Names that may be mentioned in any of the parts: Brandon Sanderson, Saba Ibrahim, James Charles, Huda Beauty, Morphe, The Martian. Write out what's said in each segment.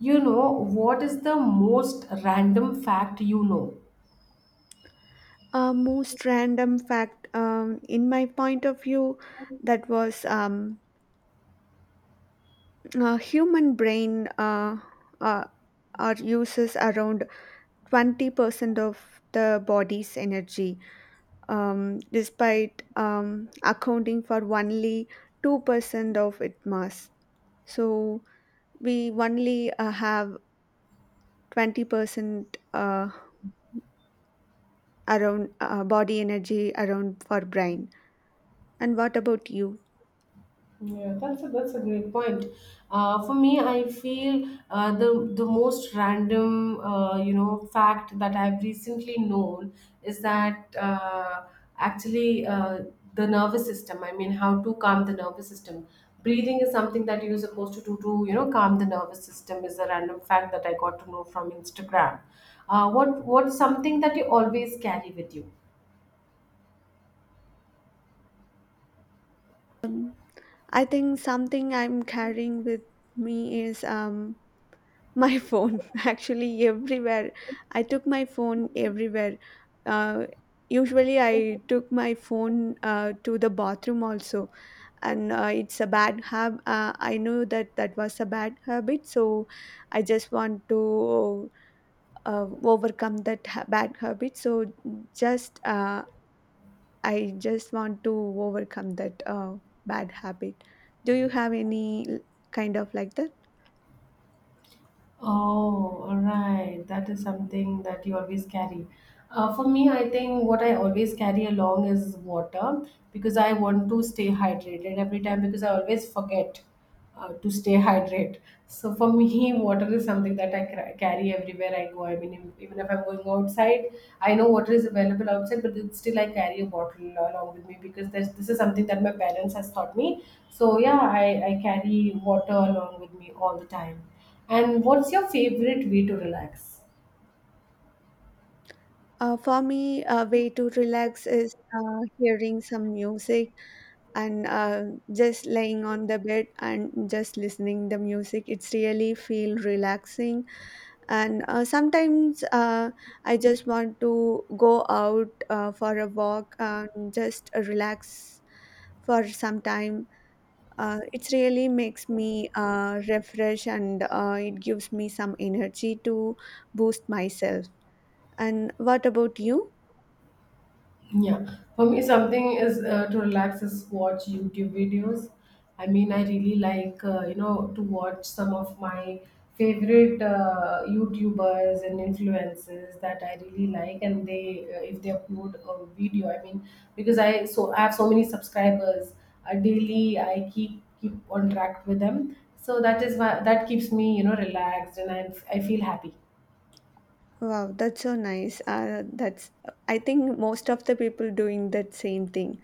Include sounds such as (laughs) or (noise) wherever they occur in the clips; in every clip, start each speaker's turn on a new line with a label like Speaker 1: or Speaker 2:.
Speaker 1: What is the most random fact you know?
Speaker 2: A most random fact, in my point of view, that was a human brain uh, are uses around 20% of the body's energy, despite accounting for only 2% of its mass. So we only have 20% around body energy around for brain. And what about you?
Speaker 1: Yeah, that's a great point. For me, I feel the most random fact that I've recently known is that actually the nervous system. I mean, how to calm the nervous system. Breathing is something that you're supposed to do to calm the nervous system. Is a random fact that I got to know from Instagram. What's something that you always carry with you?
Speaker 2: Um, I think something I'm carrying with me is my (laughs) phone actually everywhere. I took my phone everywhere. Uh, Usually I took my phone to the bathroom also, and it's a bad habit. I know that was a bad habit, so I just want to overcome bad habit. So just I just want to overcome that bad habit. Do you have any kind of like that?
Speaker 1: Oh, all right. That is something that you always carry. For me, I think what I always carry along is water because I want to stay hydrated every time because I always forget to stay (laughs) hydrated. So for me, (laughs) water is something that I carry everywhere I go. I mean, even if I'm going outside, I know water is available outside, but it's still I carry a bottle along with me because this is something that my parents has taught me. So yeah, I carry water along with me all the time. And what's your favorite way to relax?
Speaker 2: For me, a way to relax is hearing some music and just laying on the bed and just listening the music. It's really feel relaxing. And sometimes I just want to go out for a walk and just relax for some time. It really makes me refresh, and it gives me some energy to boost myself. And what about you?
Speaker 1: Yeah, for me, something is to relax is watch YouTube videos. I mean, I really like to watch some of my favorite YouTubers and influencers that I really like, and they if they upload a video, I mean, because I so I have so many subscribers daily, I keep on track with them. So that is why that keeps me relaxed, and I feel happy.
Speaker 2: Wow, that's so nice. That's, I think, most of the people doing that same thing.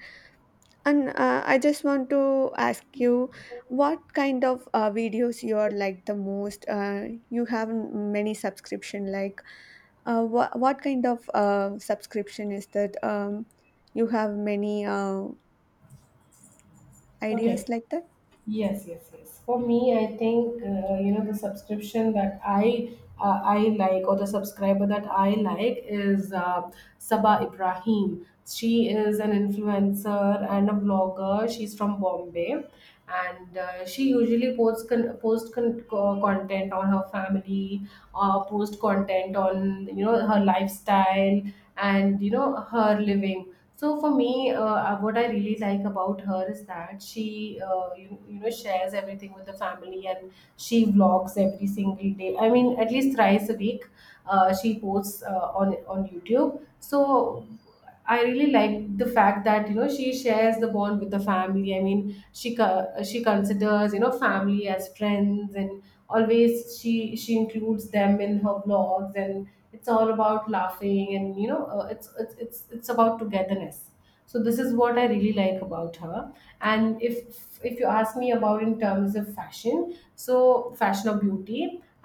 Speaker 2: And I just want to ask you, what kind of videos you are like the most? You have many subscription. Like, what kind of subscription is that? You have many ideas
Speaker 1: Okay.
Speaker 2: like that.
Speaker 1: Yes, yes, yes. For me, I think the subscription that I like or the subscriber that I like is Saba Ibrahim. She is an influencer and a blogger. She's from Bombay, and she usually posts content on her family, post content on her lifestyle and her living. So for me, what I really like about her is that she, you, you know, shares everything with the family and she vlogs every single day. I mean, at least thrice a week, she posts on YouTube. So I really like the fact that she shares the bond with the family. I mean, she considers family as friends, and always she includes them in her vlogs, and it's all about laughing and it's about togetherness. So this is what I really like about her. And if you ask me about in terms of fashion, so fashion or beauty,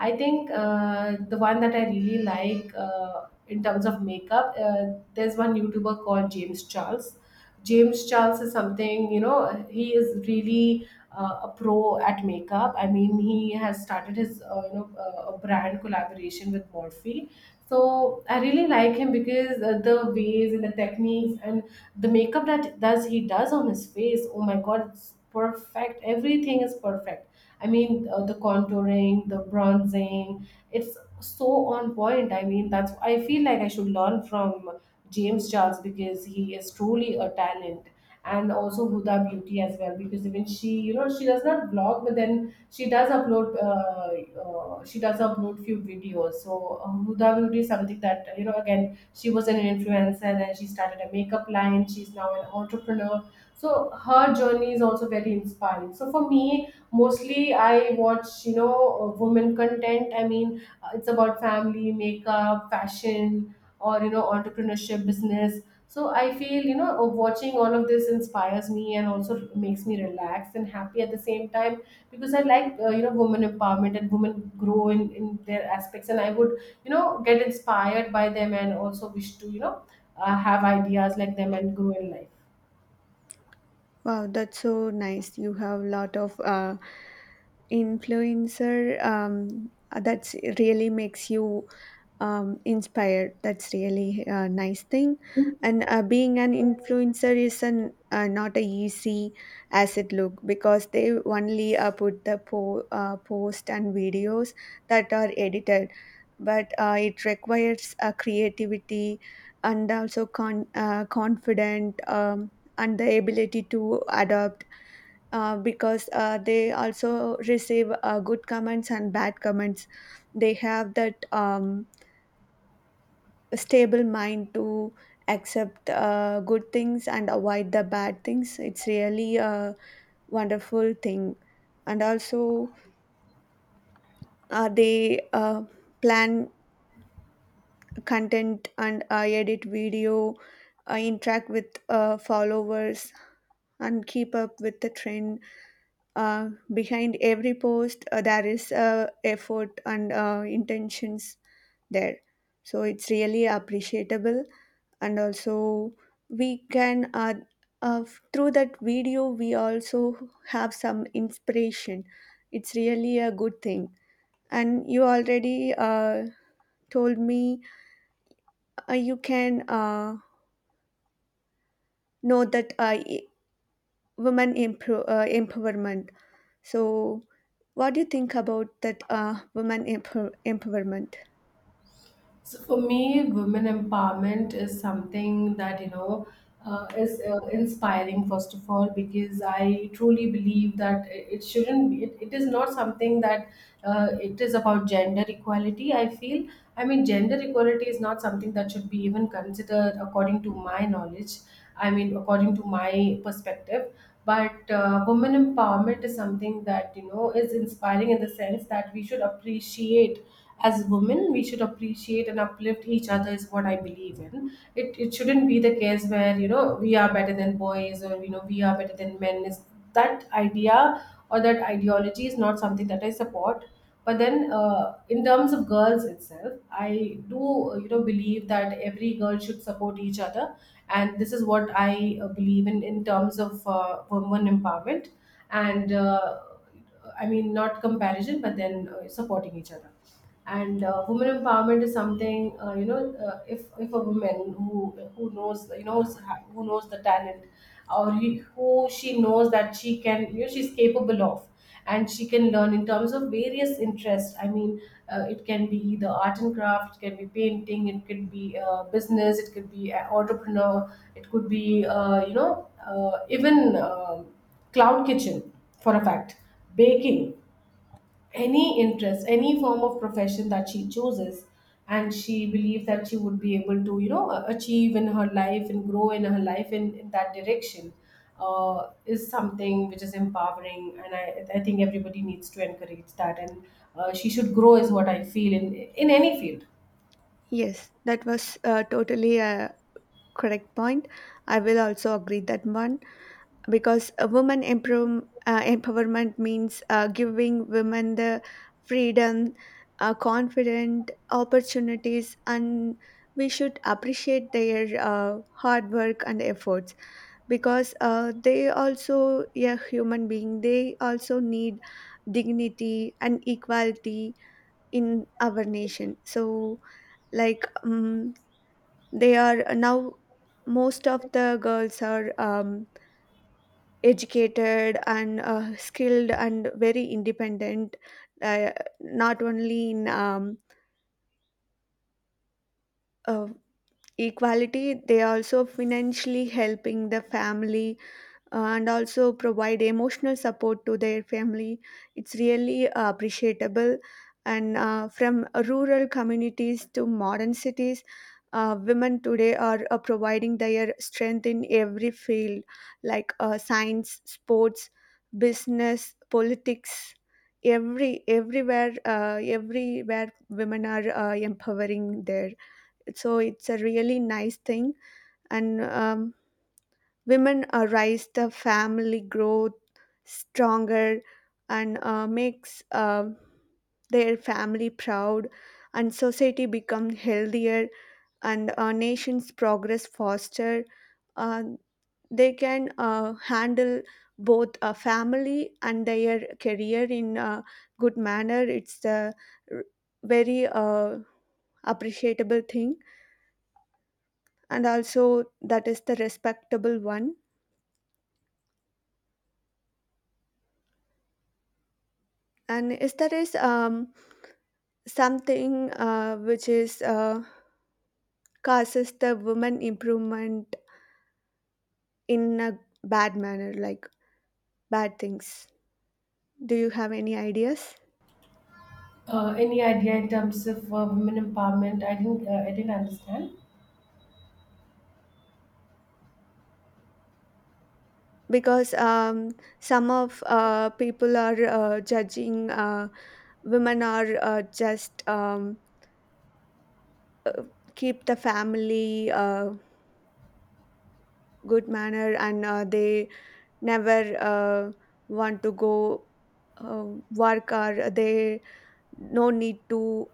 Speaker 1: I think the one that I really like in terms of makeup there's one YouTuber called James Charles. James Charles is something, he is really a pro at makeup. I mean, he has started his a brand collaboration with Morphe. So I really like him because the ways and the techniques and the makeup that does he does on his face. Oh my God, it's perfect. Everything is perfect. I mean, the contouring, the bronzing. It's so on point. I mean, that's I feel like I should learn from James Charles because he is truly a talent, and also Huda Beauty as well because even she does not vlog, but then she does upload. She does upload few videos. So Huda Beauty is something that. Again, she was an influencer, and she started a makeup line. She's now an entrepreneur. So her journey is also very inspiring. So for me, mostly I watch women content. I mean, it's about family, makeup, fashion, or entrepreneurship, business. So I feel watching all of this inspires me and also makes me relaxed and happy at the same time because I like women empowerment and women grow in their aspects, and I would get inspired by them and also wish to have ideas like them and grow in life.
Speaker 2: Wow, that's so nice. You have a lot of influencer. That's really makes you inspired. That's really a nice thing. And being an influencer is not a easy as it look, because they only put the post and videos that are edited, but it requires creativity and also confident. And the ability to adapt because they also receive good comments and bad comments. They have that stable mind to accept good things and avoid the bad things. It's really a wonderful thing. And also, they plan content and edit video, interact with followers, and keep up with the trend. Behind every post there is effort and intentions there, so it's really appreciable. And also, we can, uh, through that video we also have some inspiration. It's really a good thing. And you already told me you can know that women empowerment. So, what do you think about that women empowerment?
Speaker 1: So for me, women empowerment is something that is inspiring. First of all, because I truly believe that it shouldn't be. It is not something that it is about gender equality. I feel. I mean, gender equality is not something that should be even considered, according to my knowledge. I mean, according to my perspective. But women empowerment is something that is inspiring in the sense that we should appreciate. As women, we should appreciate and uplift each other is what I believe in. It shouldn't be the case where we are better than boys, or we are better than men is that idea, or that ideology is not something that I support. But then in terms of girls itself, I do believe that every girl should support each other, and this is what I believe in terms of women empowerment. And I mean, not comparison, but then supporting each other. And women empowerment is something if a woman who knows, you knows, who knows the talent, or he, who she knows that she can, she's capable of, and she can learn in terms of various interests. I mean, it can be either art and craft, it can be painting, it could be business, it could be an entrepreneur, it could be even cloud kitchen, for a fact, baking, any interest, any form of profession that she chooses, and she believes that she would be able to achieve in her life and grow in her life in that direction, is something which is empowering, and I think everybody needs to encourage that, and she should grow is what I feel in any field.
Speaker 2: Yes, that was totally a correct point. I will also agree that one, because a woman empowerment means giving women the freedom, confident, opportunities, and we should appreciate their hard work and efforts, because they also a human being, they also need dignity and equality in our nation. So, like, they are now most of the girls are educated and skilled and very independent, uh, not only in uh, equality. They are also financially helping the family and also provide emotional support to their family. It's really appreciable. And from rural communities to modern cities, women today are providing their strength in every field like science, sports, business, politics. Everywhere women are empowering there. So it's a really nice thing, and women rise the family growth stronger, and makes their family proud, and society become healthier, and nations progress faster. Uh, they can handle both a family and their career in a good manner. It's a r- very appreciable thing, and also that is the respectable one. And is there is something which is causes the woman improvement in a bad manner, like bad things. Do you have any ideas?
Speaker 1: Any idea in terms of women empowerment? I didn't understand.
Speaker 2: Because some of people are judging women are just keep the family good manner, and they never want to go uh, work, or they no need to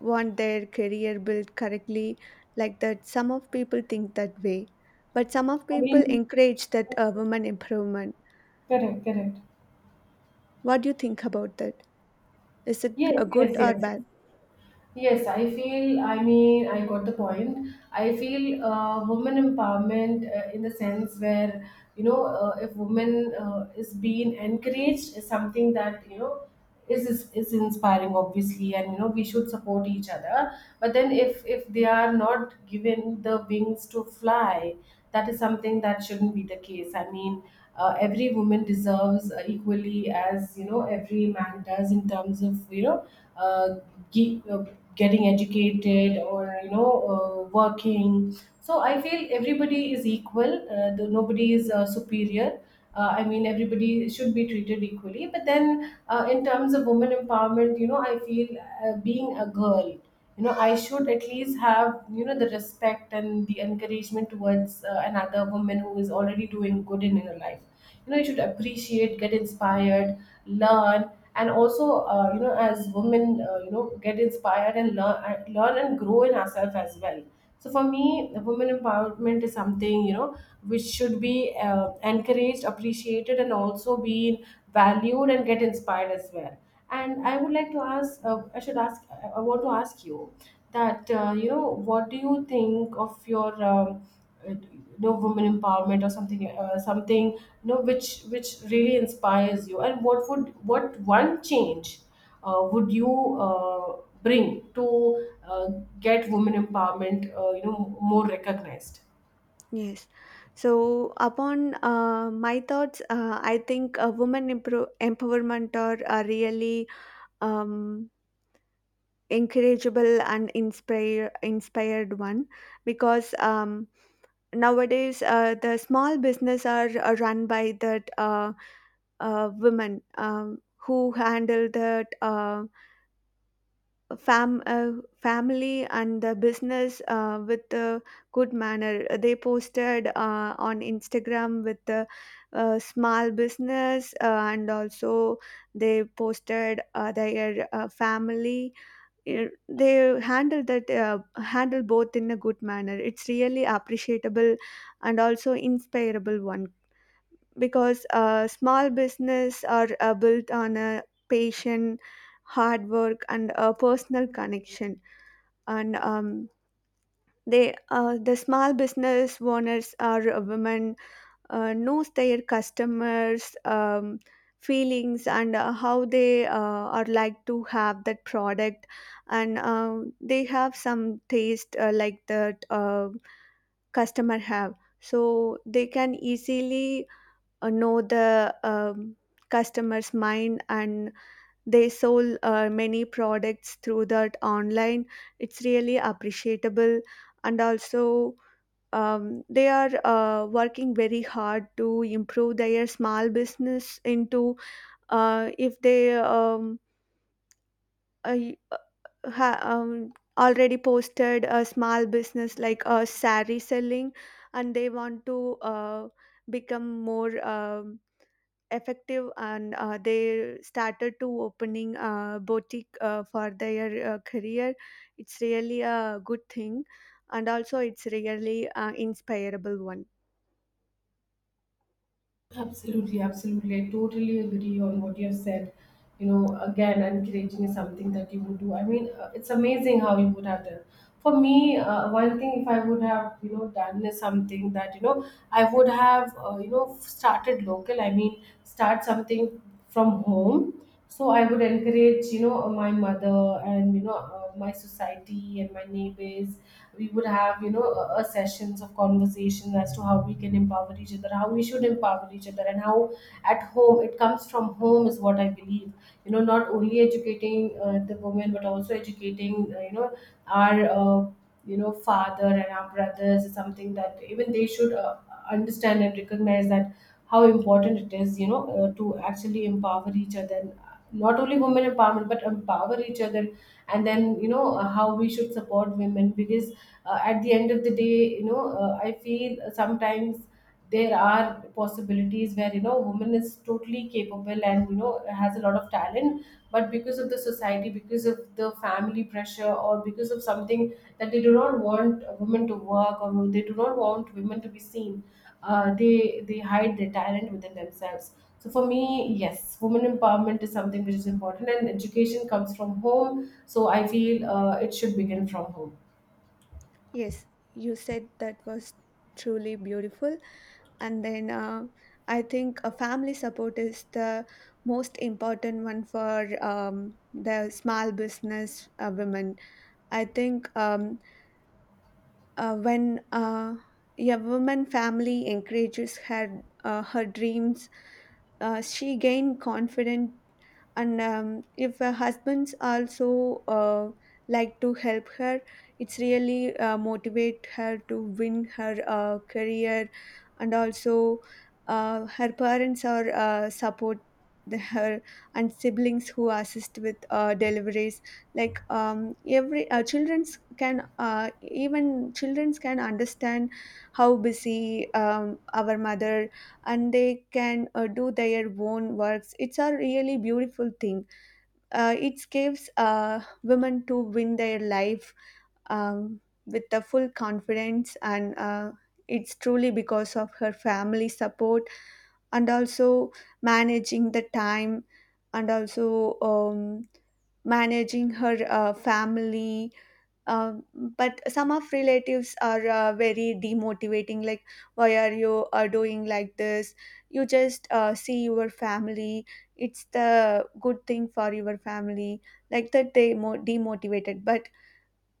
Speaker 2: want their career built correctly. Like that, some of people think that way, but some of
Speaker 1: I
Speaker 2: people
Speaker 1: mean,
Speaker 2: encourage that women improvement.
Speaker 1: correct, correct.
Speaker 2: What do you think about that? Is it
Speaker 1: Yes,
Speaker 2: a good
Speaker 1: yes,
Speaker 2: or
Speaker 1: yes. Yes.
Speaker 2: bad?
Speaker 1: Yes, I feel, I mean, I got the point. I feel women empowerment in the sense where, if women is being encouraged is something that, is inspiring obviously, and we should support each other. But then if they are not given the wings to fly, that is something that shouldn't be the case. I mean, every woman deserves equally as every man does in terms of uh, ge- uh, getting educated or working. So I feel everybody is equal, nobody is superior. I mean everybody should be treated equally, but then in terms of women empowerment, I feel being a girl, I should at least have the respect and the encouragement towards another woman who is already doing good in her life. You should appreciate, get inspired, learn, and also as women, get inspired and learn and grow in ourselves as well. So for me, women empowerment is something, which should be encouraged, appreciated, and also be valued, and get inspired as well. And I would like to ask I want to ask you that what do you think of your women empowerment, or something something which really inspires you, and what one change would you bring to uh, get women empowerment more recognized.
Speaker 2: Yes. So upon my thoughts, I think women empowerment are really um, encourageable and inspired one, because nowadays the small business are run by that women who handle that fam- uh, family and the business with a good manner. They posted on Instagram with the small business, and also they posted their family. They handle both in a good manner. It's really appreciable and also inspirable one, because small business are built on a patient, hard work and a personal connection. And the small business owners are women knows their customers feelings and how they are like to have that product. And they have some taste like that customer have, so they can easily know the customer's mind, and they sold many products through that online. It's really appreciable. And also they are working very hard to improve their small business into. If they uh, already posted a small business like a saree selling, and they want to become more effective, and they started to opening a boutique for their career. It's really a good thing, and also it's really inspirable one.
Speaker 1: Absolutely, absolutely. I totally agree on what you have said. Again, encouraging is something that you would do. I mean, it's amazing how you would have done. For me, one thing if I would have, you know, done is something that, I would have started local. I mean, start something from home, so I would encourage, you know, my mother and, you know, my society and my neighbors. We would have, you know, sessions of conversation as to how we can empower each other, how we should empower each other, and how at home, it comes from home is what I believe. You know, not only educating the women, but also educating, you know, our you know, father and our brothers is something that even they should understand and recognize that how important it is, you know, to actually empower each other. And not only women empowerment, but empower each other. And then, you know, how we should support women, because at the end of the day, you know, I feel sometimes there are possibilities where, you know, woman is totally capable and, you know, has a lot of talent, but because of the society, because of the family pressure, or because of something that they do not want women to work, or they do not want women to be seen, they hide their talent within themselves. So for me, yes, women empowerment is something which is important, and education comes from home, so I feel it should begin from home.
Speaker 2: Yes, you said that was truly beautiful. And then I think a family support is the most important one for the small business women. I think when a woman family encourages her dreams, she gained confidence. And if husbands also like to help her, it's really motivate her to win her career. And also her parents are support her, and siblings who assist with deliveries, like, every children's can even children's can understand how busy our mother, and they can do their own works. It's a really beautiful thing. It gives women to win their life with the full confidence, and it's truly because of her family support. And also managing the time, and also managing her family. But some of relatives are very demotivating, like, why are you doing like this? You just see your family. It's the good thing for your family. Like that they demotivated, but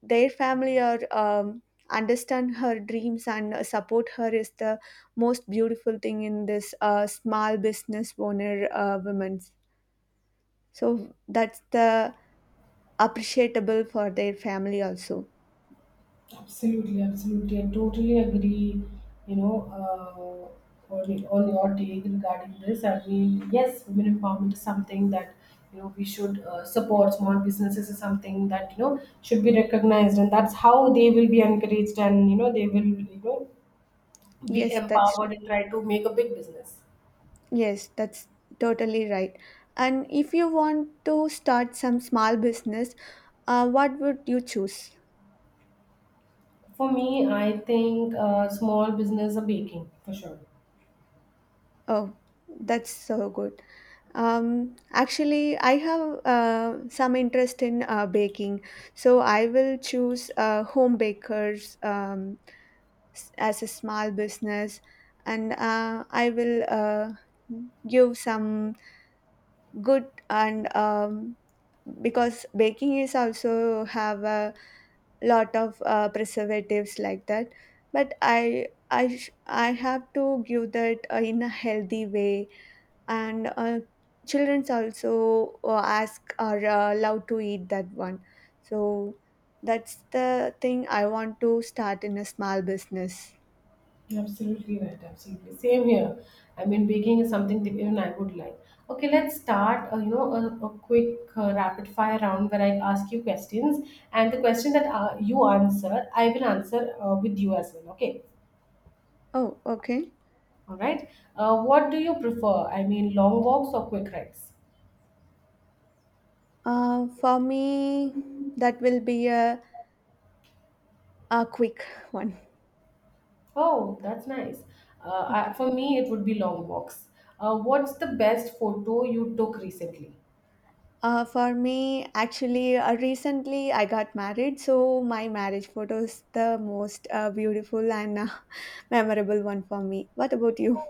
Speaker 2: their family are, understand her dreams and support her, is the most beautiful thing in this small business owner women's. So that's the appreciable for their family also.
Speaker 1: Absolutely, absolutely. I totally agree, you know, on your take regarding this. I mean, yes, women empowerment is something that, you know, we should support. Small businesses is something that, you know, should be recognized. And that's how they will be encouraged and, you know, they will, you know, be
Speaker 2: Yes, that's right.
Speaker 1: empowered and try to make a big business.
Speaker 2: Yes, that's totally right. And if you want to start some small business, what would you choose?
Speaker 1: For me, I think small business are baking, for sure.
Speaker 2: Oh, that's so good. Actually, I have some interest in baking, so I will choose home bakers, as a small business, and I will give some good and because baking is also have a lot of preservatives like that, but I have to give that in a healthy way, and children's also ask or love to eat that one, so that's the thing I want to start in a small business.
Speaker 1: You're absolutely right. Absolutely. Same here. I mean, baking is something that even I would like. Okay, let's start. You know, a quick rapid fire round where I ask you questions, and the question that you answer, I will answer with you as well. Okay.
Speaker 2: Oh, okay.
Speaker 1: All right. What do you prefer? I mean, long walks or quick rides?
Speaker 2: For me, that will be a quick (laughs) one.
Speaker 1: Oh, that's nice. I,
Speaker 2: Okay.
Speaker 1: for me, it would be long walks. What's the best photo you took recently?
Speaker 2: For me, actually, recently I got married, so my marriage photo is the most beautiful and (laughs) memorable one for me. What about you?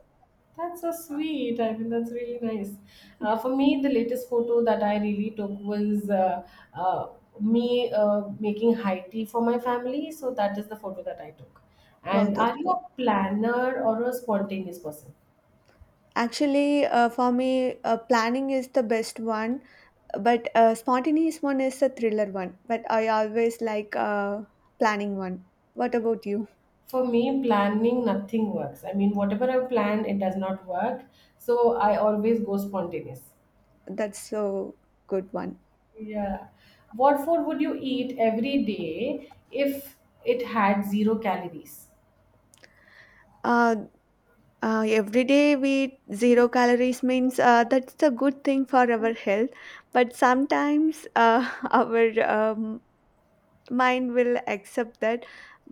Speaker 1: That's so sweet. I mean, that's really nice.
Speaker 2: Yeah.
Speaker 1: For me, the latest photo that I really took was uh, me making high tea for my family. So that is the photo that I took.
Speaker 2: Wow,
Speaker 1: And
Speaker 2: that's
Speaker 1: are you
Speaker 2: cool.
Speaker 1: a planner or a spontaneous person?
Speaker 2: Actually, for me, planning is the best one, but spontaneous one is the thriller one. But I always like planning one. What about you?
Speaker 1: For me, planning nothing works. I mean, whatever I plan, it does not work. So I always go spontaneous.
Speaker 2: That's so good one.
Speaker 1: Yeah. What food would you eat every day if it had zero calories?
Speaker 2: Uh, every day we zero calories means that's a good thing for our health. But sometimes (laughs) our mind will accept that.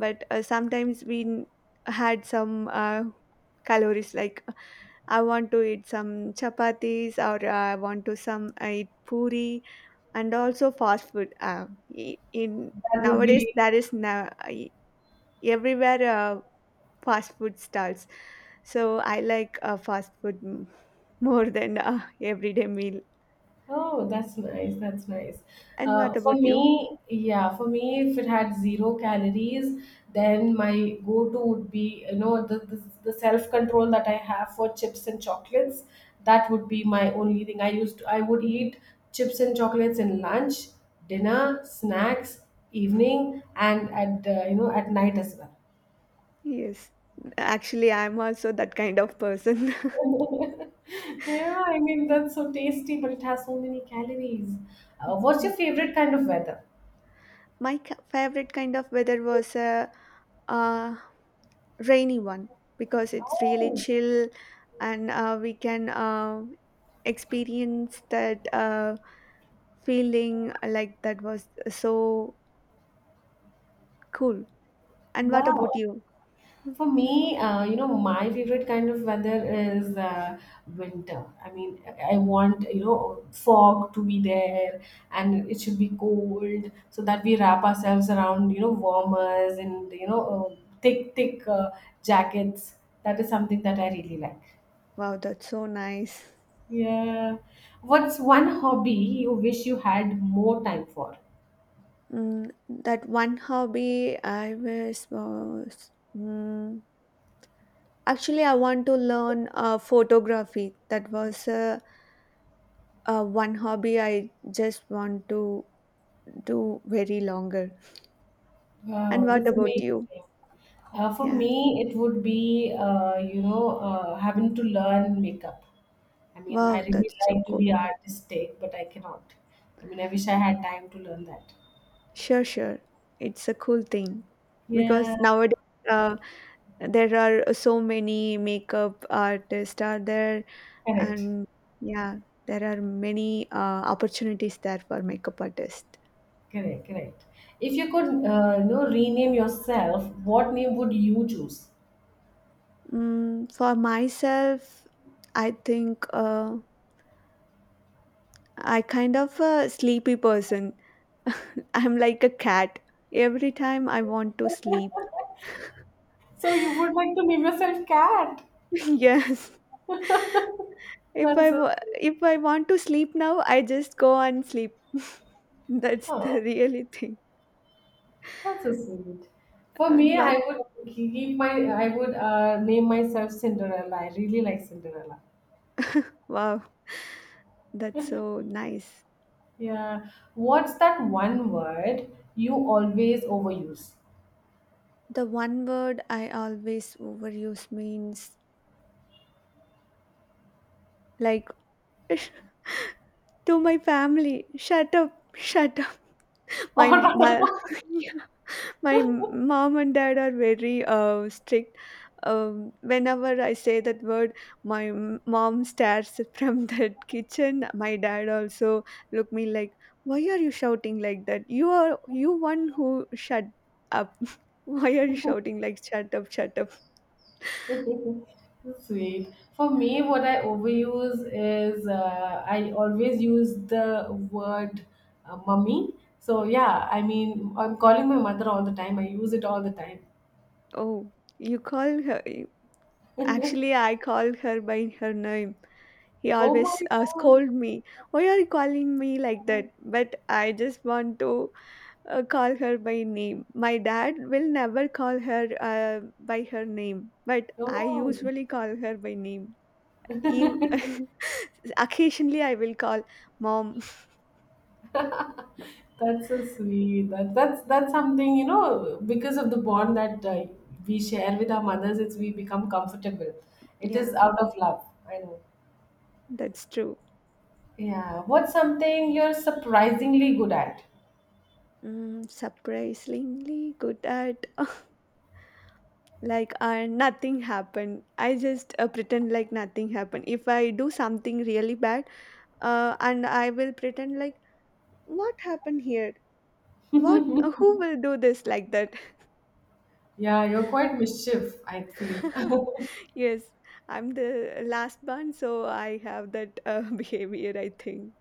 Speaker 2: But sometimes we had some calories, like, I want to eat some chapatis or I want to some eat puri and also fast food. In
Speaker 1: That would
Speaker 2: nowadays
Speaker 1: be.
Speaker 2: there is everywhere fast food stalls, so I like fast food more than everyday meal.
Speaker 1: Oh, that's nice. That's nice.
Speaker 2: And what
Speaker 1: For
Speaker 2: about you?
Speaker 1: me, yeah, for me, if it had zero calories, then my go-to would be, you know, the self-control that I have for chips and chocolates. That would be my only thing. I would eat chips and chocolates in lunch, dinner, snacks, evening, and at, you know, at night as well.
Speaker 2: Yes. Actually, I'm also that kind of person. (laughs)
Speaker 1: (laughs) Yeah, I mean, that's so tasty, but it has so many calories. What's your
Speaker 2: Yes.
Speaker 1: favorite kind of weather?
Speaker 2: My favorite kind of weather was a uh, uh, rainy one, because it's really
Speaker 1: Oh,
Speaker 2: chill, and we can experience that feeling, like that was so cool. And what about
Speaker 1: wow.
Speaker 2: you?
Speaker 1: For me, you know, my favorite kind of weather is winter. I mean, I want, you know, fog to be there, and it should be cold so that we wrap ourselves around, you know, warmers, and, you know, thick jackets. That is something that I really like.
Speaker 2: Wow, that's so nice.
Speaker 1: Yeah. What's one hobby you wish you had more time for?
Speaker 2: That one hobby I wish was. Actually, I want to learn photography. That was one hobby I just want to do very longer. And
Speaker 1: Wow,
Speaker 2: what
Speaker 1: that's
Speaker 2: about you?
Speaker 1: amazing. For
Speaker 2: Yeah.
Speaker 1: me, it would be, you know, having to learn makeup. I mean, I
Speaker 2: Wow,
Speaker 1: really
Speaker 2: that's so
Speaker 1: like to
Speaker 2: cool.
Speaker 1: be artistic, but I cannot. I mean, I wish I had time to learn that.
Speaker 2: Sure, sure. It's a cool thing, because
Speaker 1: Yeah,
Speaker 2: nowadays uh, there are so many makeup artists are there,
Speaker 1: correct,
Speaker 2: and yeah, there are many opportunities there for makeup artists.
Speaker 1: correct, correct. If you could, you know, rename yourself, what name would you choose?
Speaker 2: For myself, I think I kind of a sleepy person. (laughs) I'm like a cat. Every time I want to sleep,
Speaker 1: So you would like to name yourself Cat.
Speaker 2: (laughs) yes.
Speaker 1: (laughs) That's so sweet.
Speaker 2: If I want to sleep now, I just go and sleep. (laughs) That's the
Speaker 1: Oh,
Speaker 2: really thing.
Speaker 1: that's so sweet. For
Speaker 2: And
Speaker 1: me,
Speaker 2: but
Speaker 1: give my I would name myself Cinderella. I really like Cinderella.
Speaker 2: wow, that's so nice.
Speaker 1: Yeah. What's that one word you always overuse?
Speaker 2: The one word I always overuse means, like, (laughs) to my family, shut up, shut up. My
Speaker 1: (laughs)
Speaker 2: (laughs) mom and dad are very strict, whenever I say that word, my mom stares (laughs) from that kitchen. My dad also look me, like, why are you shouting like that? You one who shut up? (laughs) Why are you shouting like shut up, shut up?
Speaker 1: Or Sweet. For me, what I overuse is, I always use the word mummy. So, yeah, I mean, I'm calling my mother all the time. I use it all the time.
Speaker 2: Oh, you call her. Actually, I call her by her name. He
Speaker 1: Oh
Speaker 2: always
Speaker 1: my
Speaker 2: scold me, why are you calling me like that? But I just want to call her by name. My dad will never call her by her name, but
Speaker 1: God.
Speaker 2: I
Speaker 1: Oh.
Speaker 2: usually call her by name. Even
Speaker 1: (laughs)
Speaker 2: (laughs) occasionally, I will call mom. (laughs)
Speaker 1: That's so sweet. That's that's something, you know, because of the bond that we share with our mothers. It's we become comfortable. It is
Speaker 2: Yeah,
Speaker 1: out of love. I know.
Speaker 2: that's true.
Speaker 1: Yeah. What's something you're surprisingly good at?
Speaker 2: Surprisingly good at. (laughs) Like, nothing happened. I just pretend like nothing happened. If I do something really bad, and I will pretend, like, what happened here? What? Who will do this like that?
Speaker 1: Yeah, you're quite mischief, I feel. (laughs)
Speaker 2: (laughs) Yes, I'm the last born, so I have that (laughs) behavior, I think.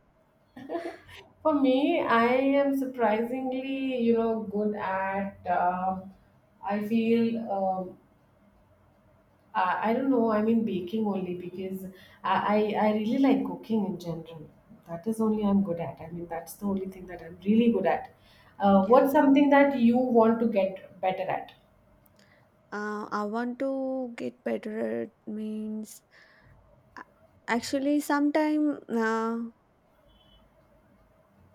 Speaker 1: For me, I am surprisingly, you know, good at. I feel. Uh, I don't know. I mean, baking only because I, I really like cooking in general. That is only I'm good at. I mean, that's the only thing that I'm really good at.
Speaker 2: Yeah.
Speaker 1: What's something that you want to get better at?
Speaker 2: I want to get better at means, actually sometime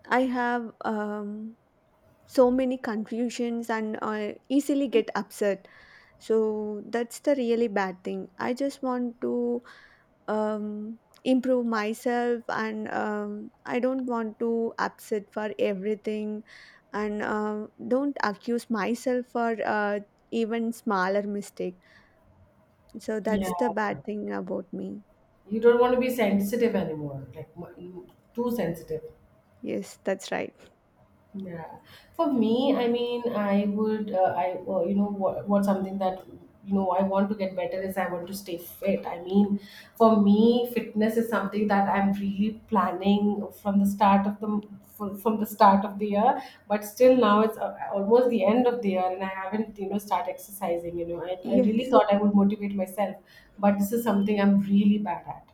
Speaker 2: I have so many confusions, and I easily get upset. So that's the really bad thing. I just want to improve myself, and I don't want to upset for everything, and don't accuse myself for even smaller mistake. So
Speaker 1: Yeah.
Speaker 2: that's the bad thing about me.
Speaker 1: You don't want to be sensitive anymore, like too sensitive.
Speaker 2: Yes, that's right.
Speaker 1: Yeah, for me, I mean, I would, I, you know, what something that, you know, I want to get better is I want to stay fit. I mean, for me, fitness is something that I'm really planning from the start of the from the start of the year. But still, now it's almost the end of the year, and I haven't, you know, start exercising. You know, I,
Speaker 2: (laughs)
Speaker 1: I really
Speaker 2: Yes,
Speaker 1: thought I would motivate myself, but this is something I'm really bad at.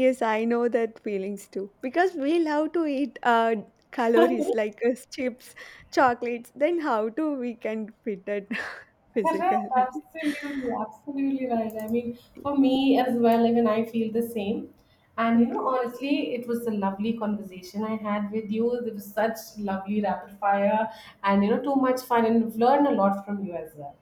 Speaker 2: yes, I know that feelings too, because we love to eat calories like chips, chocolates. Then how do we can fit it (laughs)
Speaker 1: Correct,
Speaker 2: physically?
Speaker 1: absolutely, absolutely right. I mean, for
Speaker 2: (laughs)
Speaker 1: me as well, even I feel the same. And you know,
Speaker 2: Okay.
Speaker 1: honestly, it was a lovely conversation I had with you. There was such lovely rapid fire and, you know, too much fun, and we've learned a lot from you as well.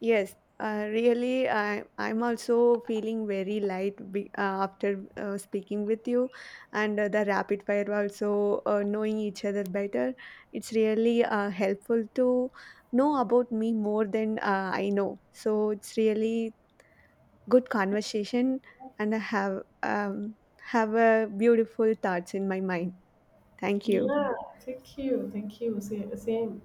Speaker 2: Yes, really, I'm also feeling very light after speaking with you, and the rapid fire, also knowing each other better. It's really helpful to know about me more than I know. So it's really good conversation, and I have a beautiful thoughts in my mind. Thank you.
Speaker 1: Yeah, thank you, thank you. Same.